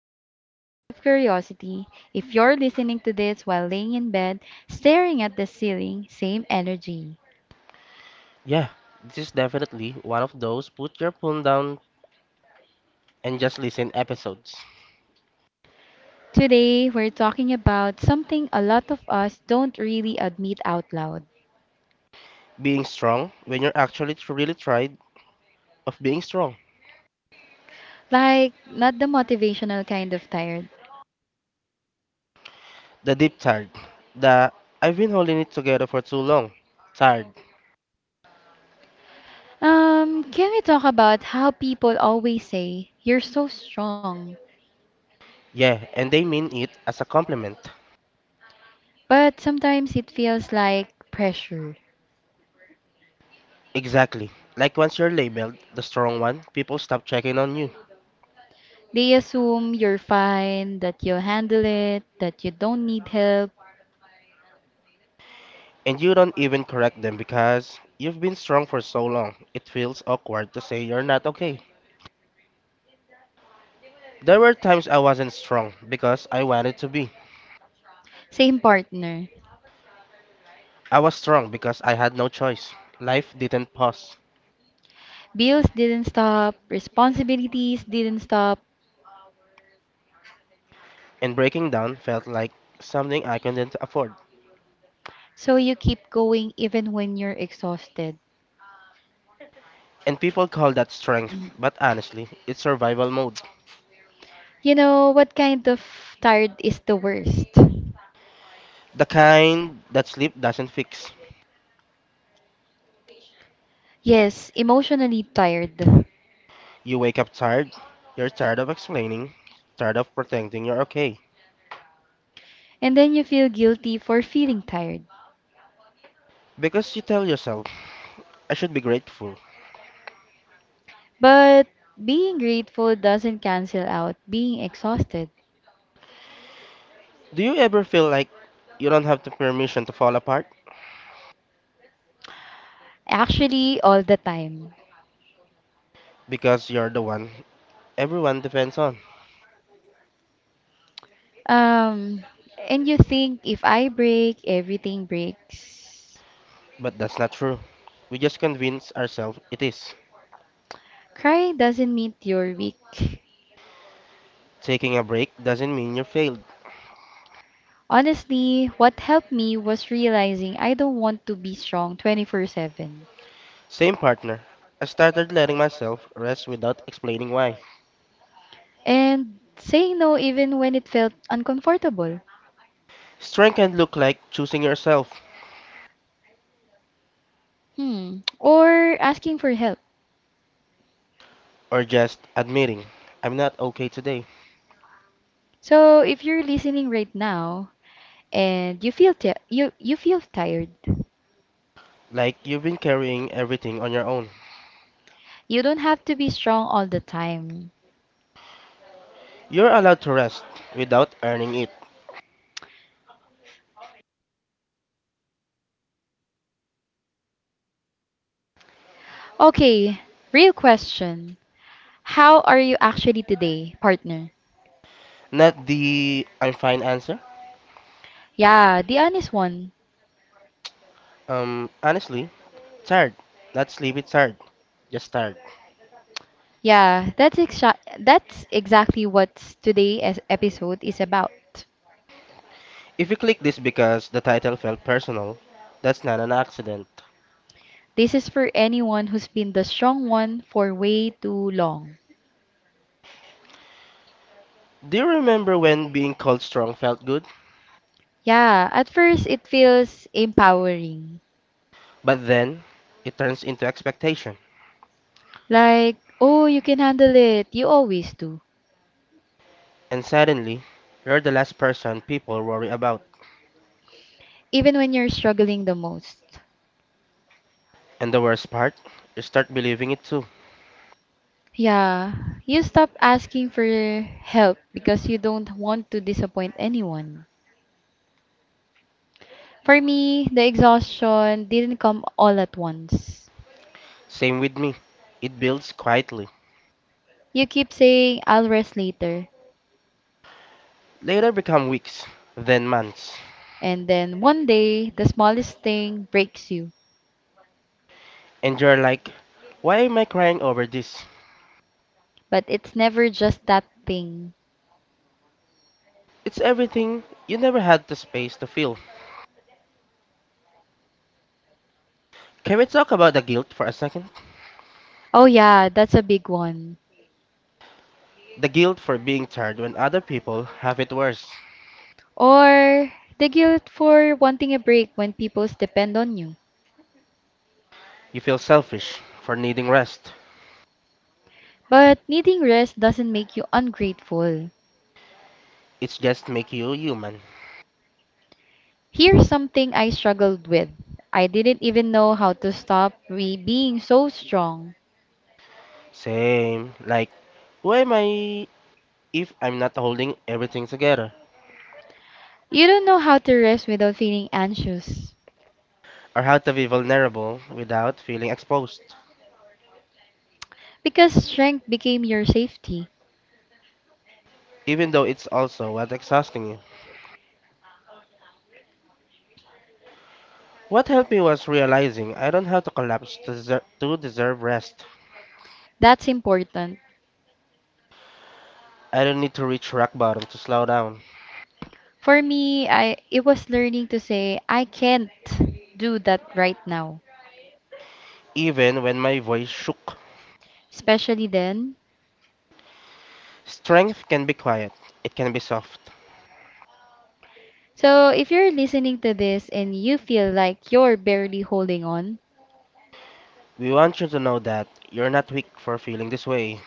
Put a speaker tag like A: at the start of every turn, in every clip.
A: Cloudy with a Chance of Curiosity. If you're listening to this while laying in bed, staring at the ceiling, same energy.
B: Yeah, this is definitely one of those put your phone down and just listen episodes.
A: Today, we're talking about something a lot of us don't really admit out loud.
B: Being strong when you're actually really tried of being strong.
A: Like, not the motivational kind of tired.
B: The deep tired. The I've been holding it together for too long. Tired.
A: Can we talk about how people always say, you're so strong?
B: Yeah, and they mean it as a compliment.
A: But sometimes it feels like pressure.
B: Exactly. Like once you're labeled the strong one, people stop checking on you.
A: They assume you're fine, that you'll handle it, that you don't need help.
B: And you don't even correct them because you've been strong for so long. It feels awkward to say you're not okay. There were times I wasn't strong because I wanted to be.
A: Same partner.
B: I was strong because I had no choice. Life didn't pause.
A: Bills didn't stop, responsibilities didn't stop,
B: And breaking down felt like something I couldn't afford.
A: so you keep going even when you're exhausted.
B: And people call that strength,
A: Mm.
B: but honestly, it's survival mode.
A: You know, what kind of tired is the worst?
B: The kind that sleep doesn't fix.
A: Yes, emotionally tired.
B: You wake up tired, you're tired of explaining, tired of pretending you're okay.
A: And then you feel guilty for feeling tired.
B: Because you tell yourself, I should be grateful.
A: But being grateful doesn't cancel out being exhausted.
B: Do you ever feel like you don't have the permission to fall apart?
A: Actually, all the time.
B: Because you're the one everyone depends on.
A: Um, and you think if I break, everything breaks.
B: But that's not true. We just convince ourselves it is.
A: Crying doesn't mean you're weak.
B: Taking a break doesn't mean you failed.
A: Honestly, what helped me was realizing I don't want to be strong 24/7,
B: Same partner. I started letting myself rest without explaining why.
A: and saying no even when it felt uncomfortable.
B: Strength can look like choosing yourself
A: Hmm, or asking for help.
B: or just admitting, I'm not okay today.
A: So, if you're listening right now and you feel ti you you feel tired,
B: Like you've been carrying everything on your own.
A: you don't have to be strong all the time.
B: You're allowed to rest without earning it.
A: Okay, real question. How are you actually today, partner?
B: Not the I'm fine answer.
A: Yeah, the honest one.
B: Honestly, tired. Not sleepy tired. Just tired.
A: Yeah, that's exactly what today's episode is about.
B: If you click this because the title felt personal, that's not an accident.
A: This is for anyone who's been the strong one for way too long.
B: Do you remember when being called strong felt good?
A: Yeah, at first it feels empowering.
B: But then it turns into expectation,
A: Like, oh, you can handle it. You always do.
B: and suddenly you're the last person people worry about.
A: Even when you're struggling the most.
B: And the worst part, you start believing it too.
A: Yeah, you stop asking for help because you don't want to disappoint anyone. For me, the exhaustion didn't come all at once.
B: Same with me. It builds quietly.
A: You keep saying, I'll rest later.
B: Later become weeks, then months.
A: And then one day, the smallest thing breaks you.
B: And you're like, why am I crying over this?
A: But it's never just that thing.
B: It's everything you never had the space to feel. Can we talk about the guilt for a second?
A: Oh, yeah, that's a big one.
B: The guilt for being tired when other people have it worse.
A: Or the guilt for wanting a break when people depend on you.
B: You feel selfish for needing rest.
A: But needing rest doesn't make you ungrateful.
B: It's just make you human.
A: Here's something I struggled with. I didn't even know how to stop re being so strong.
B: Same. Like, who am I if I'm not holding everything together?
A: You don't know how to rest without feeling anxious
B: Or how to be vulnerable without feeling exposed,
A: because strength became your safety.
B: even though it's also what exhausting you. What helped me was realizing I don't have to collapse to deserve rest.
A: That's important.
B: I don't need to reach rock bottom to slow down,
A: For me, I it was learning to say I can't do that right now,
B: even when my voice shook.
A: especially then.
B: Strength can be quiet, it can be soft.
A: So, if you're listening to this and you feel like you're barely holding on,
B: We want you to know that you're not weak for feeling this way,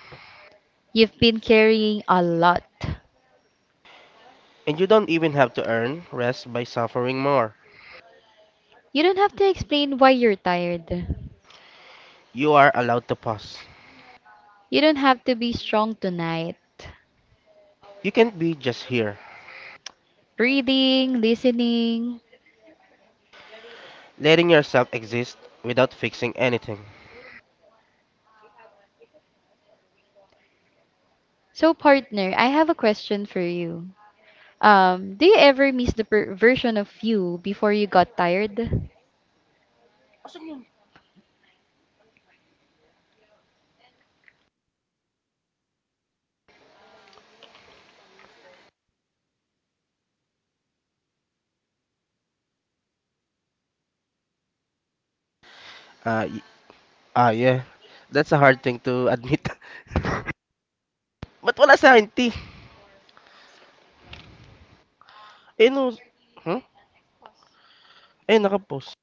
A: you've been carrying a lot.
B: and you don't even have to earn rest by suffering more.
A: You don't have to explain why you're tired.
B: You are allowed to pause.
A: You don't have to be strong tonight.
B: You can't be just here,
A: Reading, listening.
B: letting yourself exist without fixing anything.
A: So, partner, I have a question for you. Do you ever miss the version of you before you got tired?
B: Ah, ah yeah. That's a hard thing to admit. But wala sa akin, T? Eh, no. Hmm? Eh, nakapost.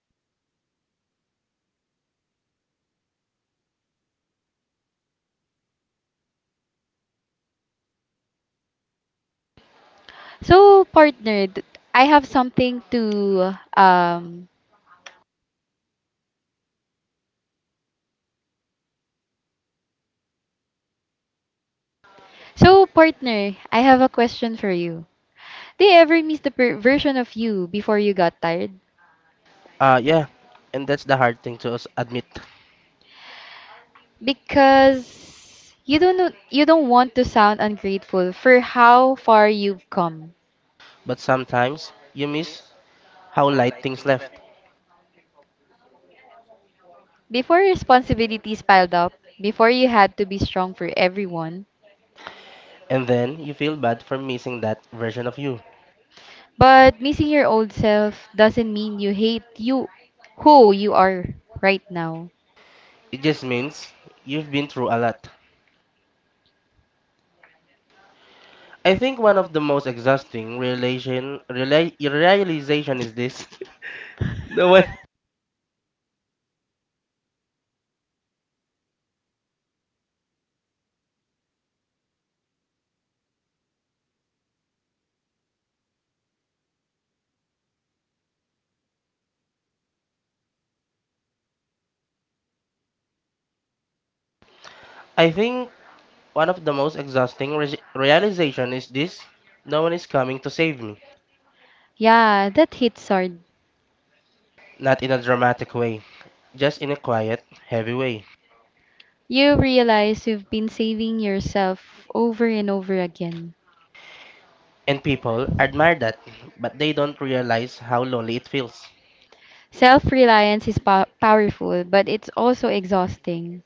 A: So, partner, th- I have something to um So, partner, I have a question for you. Do you ever miss the version of you before you got tired?
B: Ah, yeah. And that's the hard thing to us admit.
A: Because you don't want to sound ungrateful for how far you've come.
B: But sometimes, you miss how light things left.
A: Before responsibilities piled up, before you had to be strong for everyone,
B: And then, you feel bad for missing that version of you.
A: but missing your old self doesn't mean you hate you who you are right now.
B: It just means you've been through a lot. I think one of the most exhausting realization is this. No one. I think one of the most exhausting realization is this: no one is coming to save me,
A: Yeah, that hits hard.
B: not in a dramatic way, just in a quiet, heavy way.
A: You realize you've been saving yourself over and over again.
B: And people admire that, but they don't realize how lonely it feels.
A: Self-reliance is powerful, but it's also exhausting.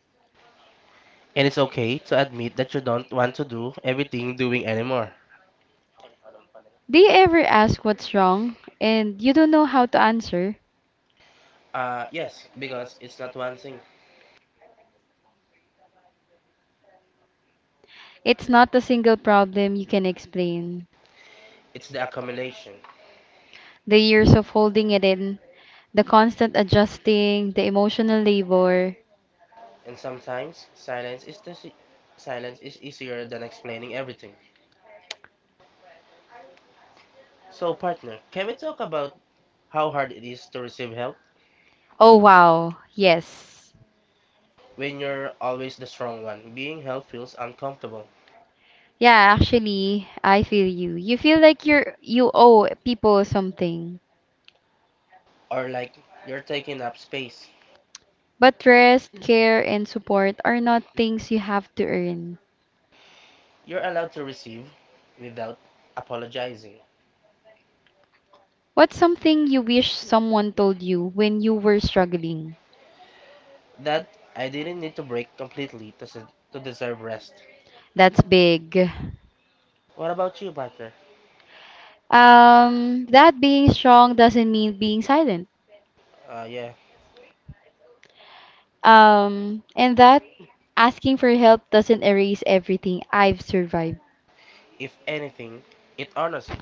B: And it's okay to admit that you don't want to do everything doing anymore.
A: Do you ever ask what's wrong and you don't know how to answer?
B: Yes, because it's not one thing;
A: It's not a single problem you can explain.
B: it's the accumulation.
A: The years of holding it in, the constant adjusting, the emotional labor.
B: And sometimes silence is easier than explaining everything. So, partner, can we talk about how hard it is to receive help?
A: Oh wow. Yes.
B: When you're always the strong one. Being held feels uncomfortable
A: Yeah, actually, I feel you. You feel like you owe people something.
B: or like you're taking up space.
A: But rest, care, and support are not things you have to earn.
B: You're allowed to receive without apologizing.
A: What's something you wish someone told you when you were struggling?
B: That I didn't need to break completely to deserve rest.
A: That's big.
B: What about you, Parker?
A: That being strong doesn't mean being silent.
B: Yeah,
A: And that asking for help doesn't erase everything I've survived.
B: if anything, it honors you.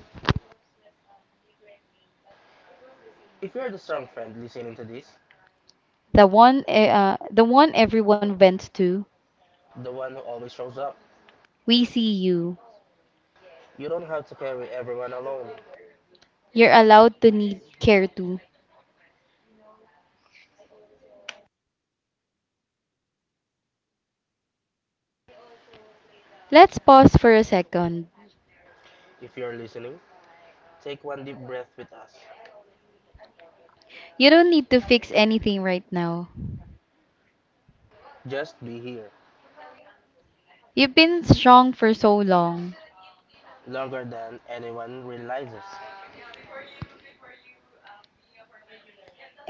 B: If you're the strong friend listening to this,
A: The one, the one everyone vents to.
B: the one who always shows up,
A: We see you.
B: you don't have to carry everyone alone.
A: You're allowed to need care too. Let's pause for a second.
B: If you're listening, take one deep breath with us.
A: You don't need to fix anything right now.
B: Just be here,
A: You've been strong for so long.
B: longer than anyone realizes.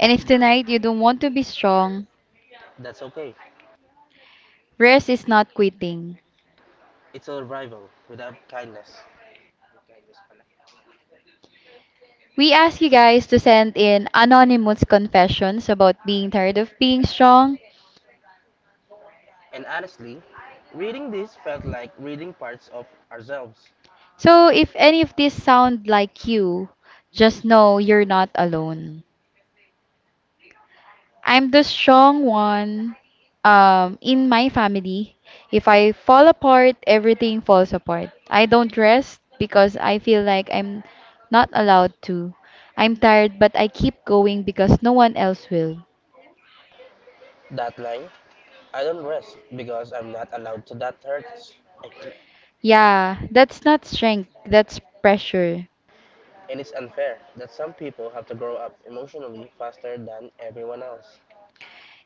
A: And if tonight you don't want to be strong,
B: That's okay.
A: rest is not quitting.
B: It's a rival without kindness.
A: We ask you guys to send in anonymous confessions about being tired of being strong.
B: And honestly, reading this felt like reading parts of ourselves.
A: So if any of these sound like you, just know you're not alone. I'm the strong one in my family. If I fall apart, everything falls apart. I don't rest because I feel like I'm not allowed to. I'm tired, but I keep going because no one else will.
B: That line, I don't rest because I'm not allowed to, that hurts.
A: Yeah, that's not strength, that's pressure.
B: And it's unfair that some people have to grow up emotionally faster than everyone else.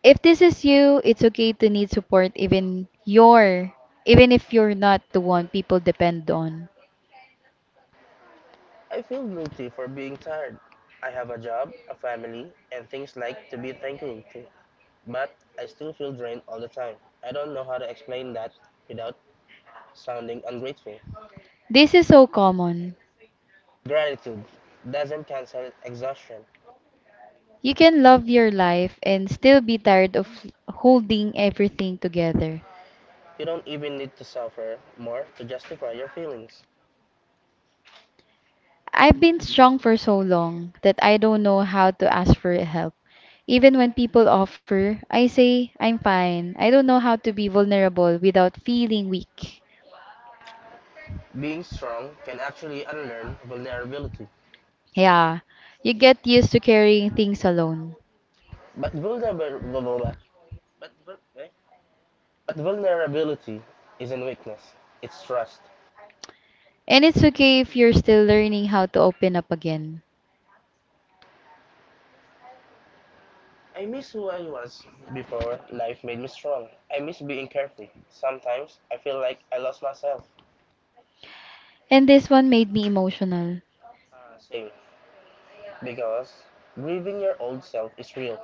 A: If this is you, it's okay to need support even if you're not the one people depend on.
B: I feel guilty for being tired. I have a job, a family, and things like to be thankful to. But I still feel drained all the time. I don't know how to explain that without sounding ungrateful.
A: This is so common.
B: Gratitude doesn't cancel exhaustion.
A: You can love your life and still be tired of holding everything together.
B: You don't even need to suffer more to justify your feelings.
A: I've been strong for so long that I don't know how to ask for help. Even when people offer, I say, I'm fine. I don't know how to be vulnerable without feeling weak.
B: Being strong can actually unlearn vulnerability.
A: Yeah, you get used to carrying things alone.
B: But, vulner- but vulnerability isn't weakness, it's trust.
A: And it's okay if you're still learning how to open up again.
B: I miss who I was before life made me strong. I miss being carefree. Sometimes I feel like I lost myself.
A: And this one made me emotional.
B: Because grieving your old self is real.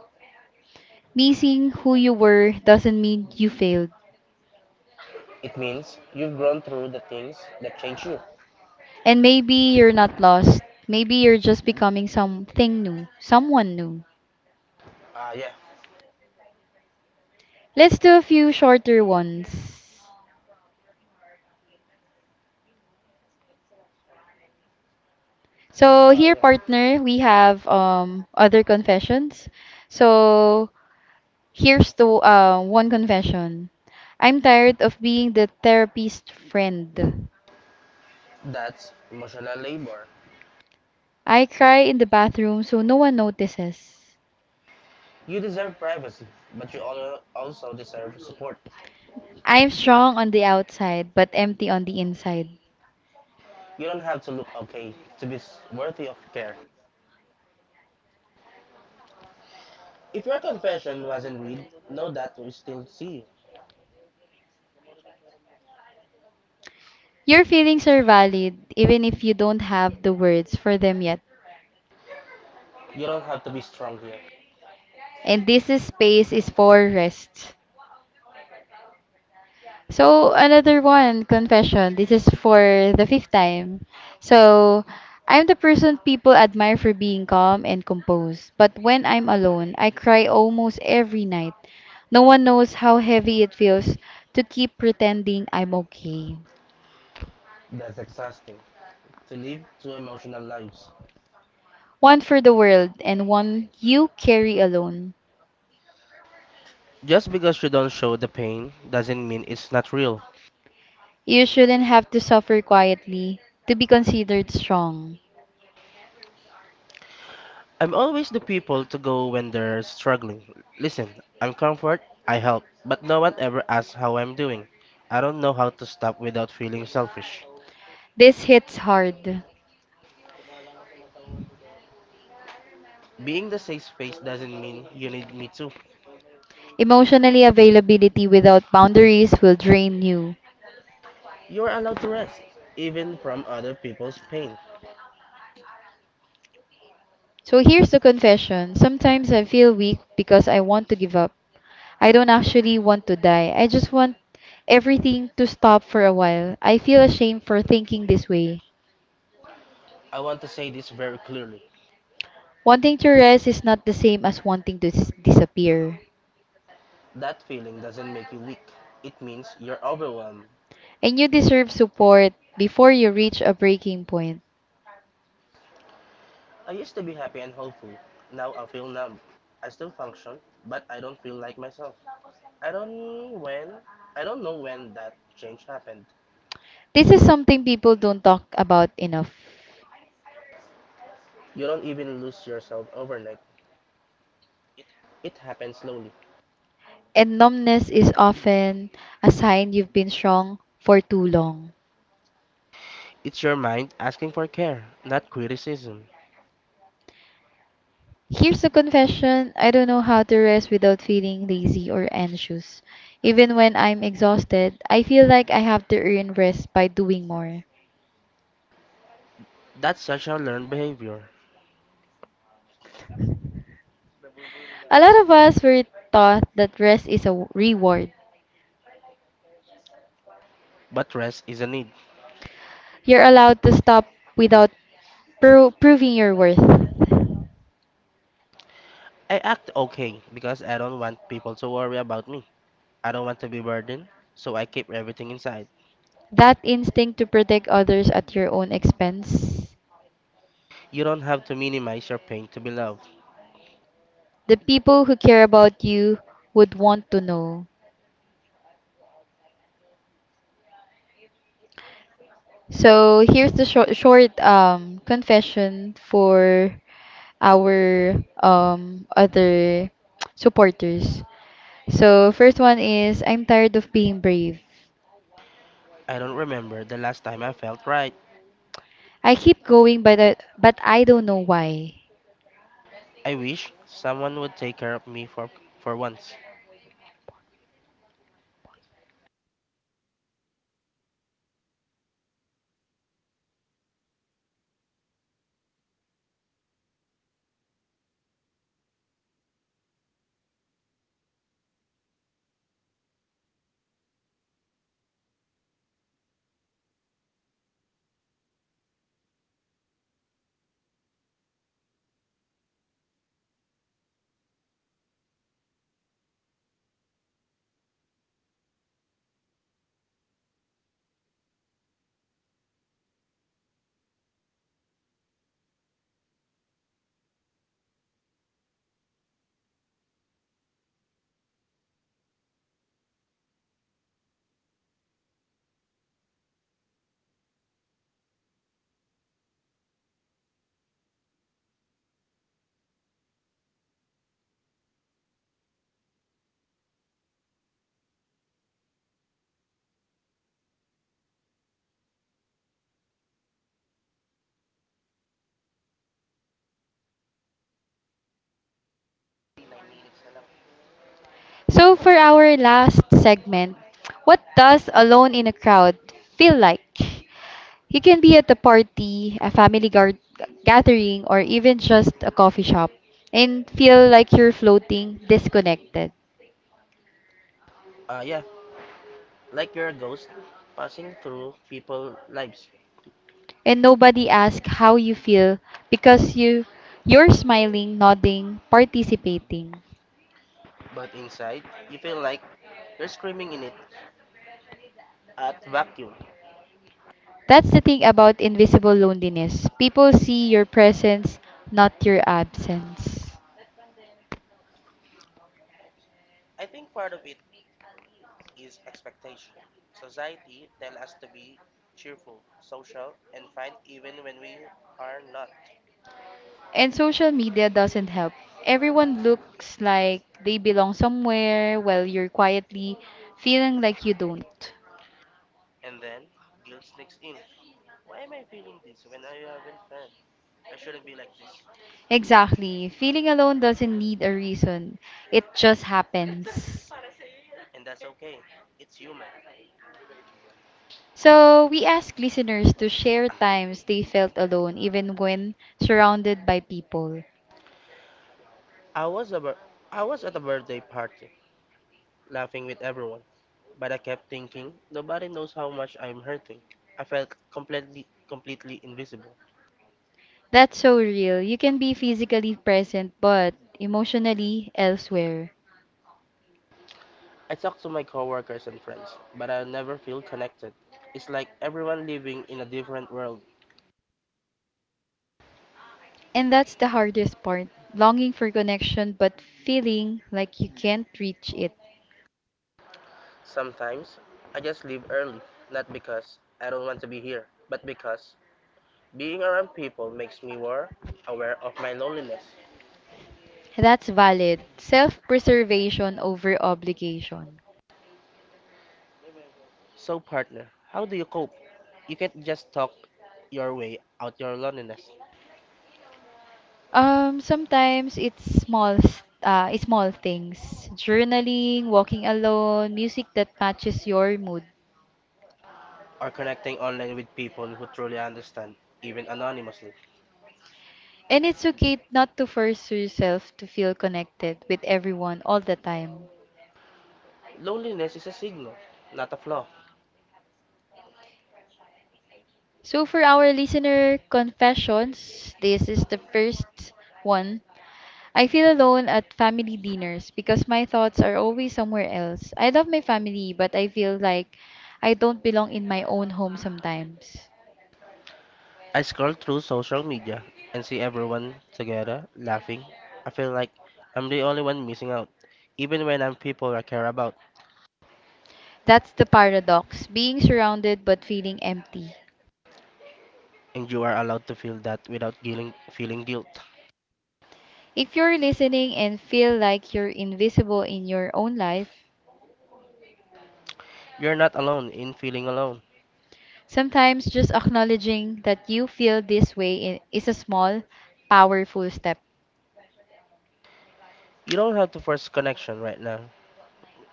A: Missing who you were doesn't mean you failed.
B: It means you've grown through the things that change you.
A: And maybe you're not lost. Maybe you're just becoming something new, someone new.
B: Ah, yeah.
A: Let's do a few shorter ones. So here, partner, we have other confessions. So here's the one confession. I'm tired of being the therapist friend.
B: That's emotional labor.
A: I cry in the bathroom so no one notices.
B: You deserve privacy, but you also deserve support.
A: I'm strong on the outside but empty on the inside.
B: You don't have to look okay to be worthy of care. If your confession wasn't read, know that we still see you.
A: Your feelings are valid even if you don't have the words for them yet.
B: You don't have to be strong here.
A: And this is space is for rest. So another one, confession. This is for the fifth time. So I'm the person people admire for being calm and composed. But when I'm alone, I cry almost every night. No one knows how heavy it feels to keep pretending I'm okay.
B: That's exhausting to live two emotional lives.
A: One for the world and one you carry alone.
B: Just because you don't show the pain doesn't mean it's not real.
A: You shouldn't have to suffer quietly to be considered strong.
B: I'm always the people to go when they're struggling. Listen, I'm comfort, I help, but no one ever asks how I'm doing. I don't know how to stop without feeling selfish.
A: This hits hard.
B: Being the safe space doesn't mean you need me too.
A: Emotionally availability without boundaries will drain you.
B: You're allowed to rest, even from other people's pain.
A: So here's the confession. Sometimes I feel weak because I want to give up. I don't actually want to die. I just want everything to stop for a while. I feel ashamed for thinking this way.
B: I want to say this very clearly.
A: Wanting to rest is not the same as wanting to disappear.
B: That feeling doesn't make you weak. It means you're overwhelmed.
A: And you deserve support before you reach a breaking point.
B: I used to be happy and hopeful. Now I feel numb. I still function, but I don't feel like myself. I don't when I don't know when that change happened.
A: This is something people don't talk about enough.
B: You don't even lose yourself overnight. It happens slowly.
A: And numbness is often a sign you've been strong for too long.
B: It's your mind asking for care, not criticism.
A: Here's a confession. I don't know how to rest without feeling lazy or anxious. Even when I'm exhausted, I feel like I have to earn rest by doing more.
B: That's such a learned behavior.
A: A lot of us were taught that rest is a reward.
B: But rest is a need.
A: You're allowed to stop without proving your worth.
B: I act okay because I don't want people to worry about me. I don't want to be burdened, so I keep everything inside.
A: That instinct to protect others at your own expense.
B: You don't have to minimize your pain to be loved.
A: The people who care about you would want to know. So here's the short confession for our other supporters. So first one is I'm tired of being brave.
B: I don't remember the last time I felt right.
A: I keep going but I don't know why.
B: I wish someone would take care of me for once.
A: So for our last segment, what does alone in a crowd feel like? You can be at a party, a family gathering, or even just a coffee shop and feel like you're floating, disconnected.
B: Yeah, like you're a ghost passing through people's lives.
A: And nobody asks how you feel because you're smiling, nodding, participating.
B: But inside, you feel like you're screaming in it at vacuum.
A: That's the thing about invisible loneliness. People see your presence, not your absence. And social media doesn't help. Everyone looks like they belong somewhere while you're quietly feeling like you don't. Exactly. Feeling alone doesn't need a reason. It just happens. So, we ask listeners to share times they felt alone even when surrounded by people.
B: I was, a bir- I was at a birthday party, laughing with everyone, but I kept thinking nobody knows how much I'm hurting. I felt completely, completely invisible.
A: That's so real. You can be physically present but emotionally elsewhere.
B: I talk to my coworkers and friends, but I never feel connected. It's like everyone living in a different world.
A: And that's the hardest part, longing for connection but feeling like you can't reach it.
B: Sometimes I just leave early, not because I don't want to be here, but because being around people makes me more aware of my loneliness.
A: That's valid. Self preservation over obligation.
B: So, partner, how do you cope? You can't just talk your way out your loneliness
A: Sometimes it's it's small things. Journaling, walking alone, music that matches your mood.
B: or connecting online with people who truly understand, even anonymously.
A: And it's okay not to force yourself to feel connected with everyone all the time.
B: Loneliness is a signal, not a flaw.
A: So, for our listener confessions, this is the first one. I feel alone at family dinners because my thoughts are always somewhere else. I love my family, but I feel like I don't belong in my own home sometimes.
B: I scroll through social media and see everyone together laughing. I feel like I'm the only one missing out, even when I'm people I care about.
A: That's the paradox, being surrounded but feeling empty.
B: And you are allowed to feel that without feeling guilt.
A: If you're listening and feel like you're invisible in your own life,
B: You're not alone in feeling alone.
A: sometimes just acknowledging that you feel this way is a small, powerful step.
B: You don't have to force connection right now.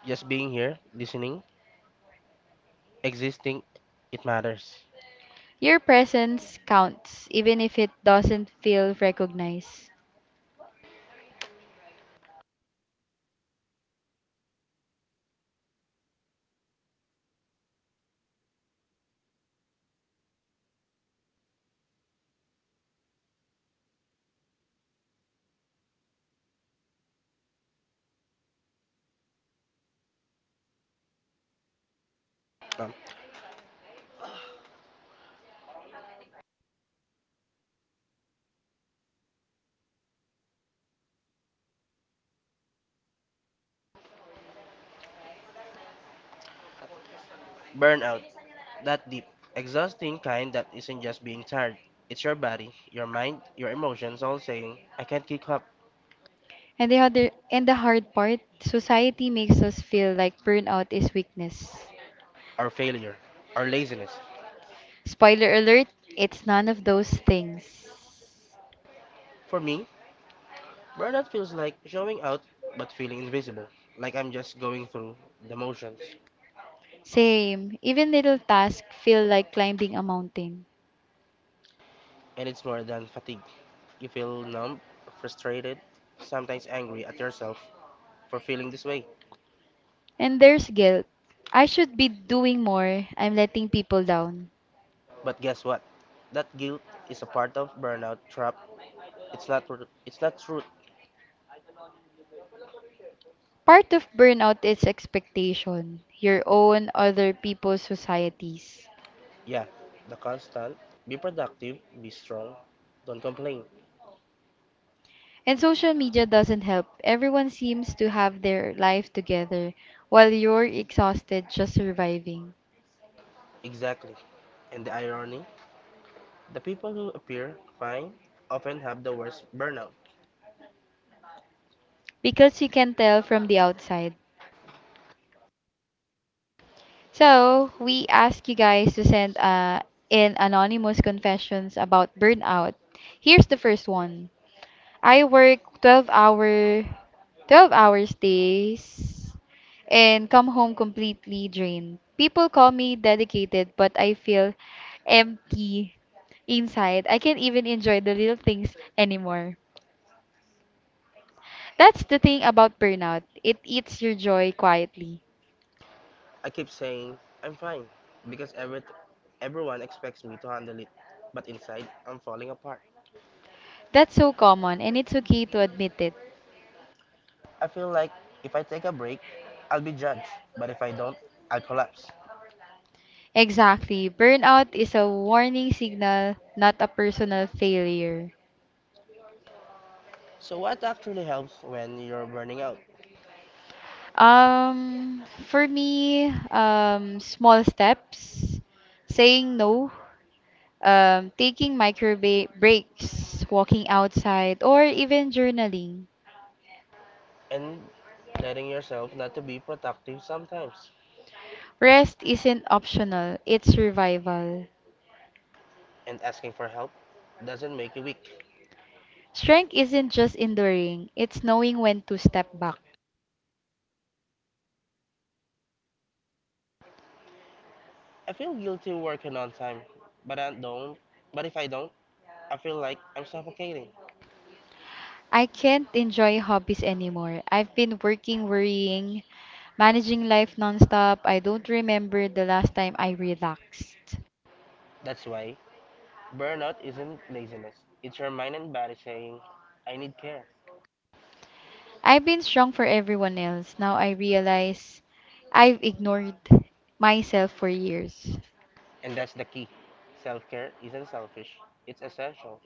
B: Just being here, listening, existing, it matters.
A: Your presence counts, even if it doesn't feel recognized.
B: Um, Burnout, that deep, exhausting kind that isn't just being tired. It's your body, your mind, your emotions all saying, I can't keep up,
A: And the hard part, society makes us feel like burnout is weakness.
B: or failure, or laziness.
A: Spoiler alert, it's none of those things.
B: For me, burnout feels like showing out but feeling invisible, like I'm just going through the motions.
A: Same, even little tasks feel like climbing a mountain.
B: And it's more than fatigue. You feel numb, frustrated, sometimes angry at yourself for feeling this way.
A: And there's guilt. I should be doing more. I'm letting people down.
B: But guess what? That guilt is a part of burnout trap. It's not it's not truth.
A: Part of burnout is expectation, your own, other people's, societies.
B: Yeah, the constant. Be productive, be strong, don't complain.
A: And social media doesn't help. Everyone seems to have their life together while you're exhausted just surviving.
B: Exactly. And the irony, the people who appear fine often have the worst burnout.
A: Because you can tell from the outside. So, we ask you guys to send in anonymous confessions about burnout. Here's the first one. I work 12 hours days and come home completely drained. People call me dedicated, but I feel empty inside. I can't even enjoy the little things anymore. That's the thing about burnout. It eats your joy quietly.
B: I keep saying I'm fine because everyone expects me to handle it, but inside I'm falling apart.
A: That's so common and it's okay to admit it.
B: I feel like if I take a break, I'll be judged, but if I don't, I'll collapse.
A: Exactly. Burnout is a warning signal, not a personal failure.
B: So what actually helps when you're burning out?
A: For me, small steps, saying no, taking micro breaks, walking outside, or even journaling.
B: And letting yourself not to be productive sometimes
A: Rest isn't optional, it's survival.
B: and asking for help doesn't make you weak.
A: Strength isn't just enduring, it's knowing when to step back.
B: I feel guilty working on time, but I don't but if I don't, I feel like I'm suffocating.
A: I can't enjoy hobbies anymore. I've been working, worrying, managing life nonstop. I don't remember the last time I relaxed.
B: That's why burnout isn't laziness. It's your mind and body saying, I need care.
A: I've been strong for everyone else. Now I realize I've ignored myself for years.
B: And that's the key. Self-care isn't selfish. It's essential.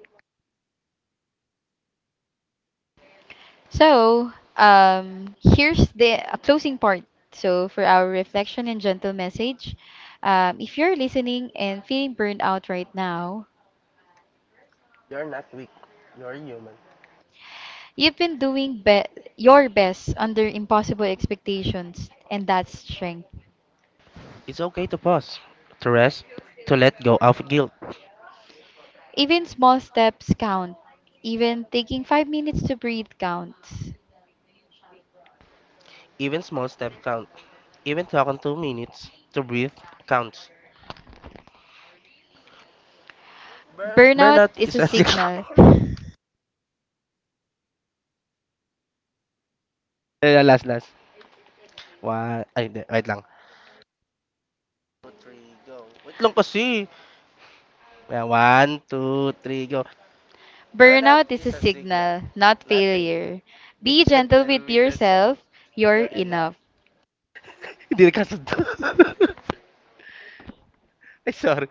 A: So, here's the closing part. So, for our reflection and gentle message, if you're listening and feeling burned out right now,
B: You're not weak. You're human.
A: you've been your best under impossible expectations, and that's strength.
B: It's okay to pause, to rest, to let go of guilt.
A: Even small steps count. Even taking 5 minutes to breathe counts.
B: Even small steps count. Even talking 2 minutes to breathe counts. Burnout
A: Burnout is
B: is
A: a
B: a
A: signal.
B: last, last. One, ay, hindi, wait lang. Tatlong kasi. Ayan, one, two, three, go.
A: Burnout is a signal, not failure. Be gentle with yourself, you're enough.
B: Hindi nagkasundo. ay, sorry.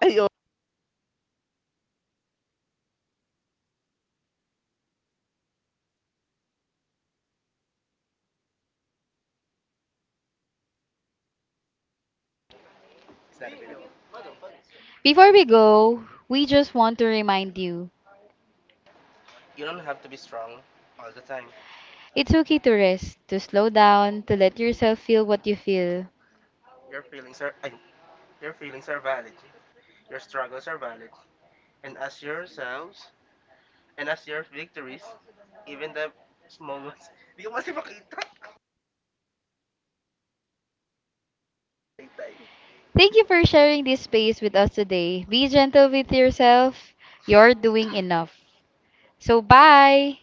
B: Ay, oh.
A: Before we go, we just want to remind you
B: You don't have to be strong all the time.
A: it's okay to rest, to slow down, to let yourself feel what you feel.
B: Sir, ay, your feelings are valid. Your struggles are valid. And as yourselves, and as your victories, even the small ones. Hindi ko kasi
A: Thank you for sharing this space with us today. Be gentle with yourself, you're doing enough. So, bye!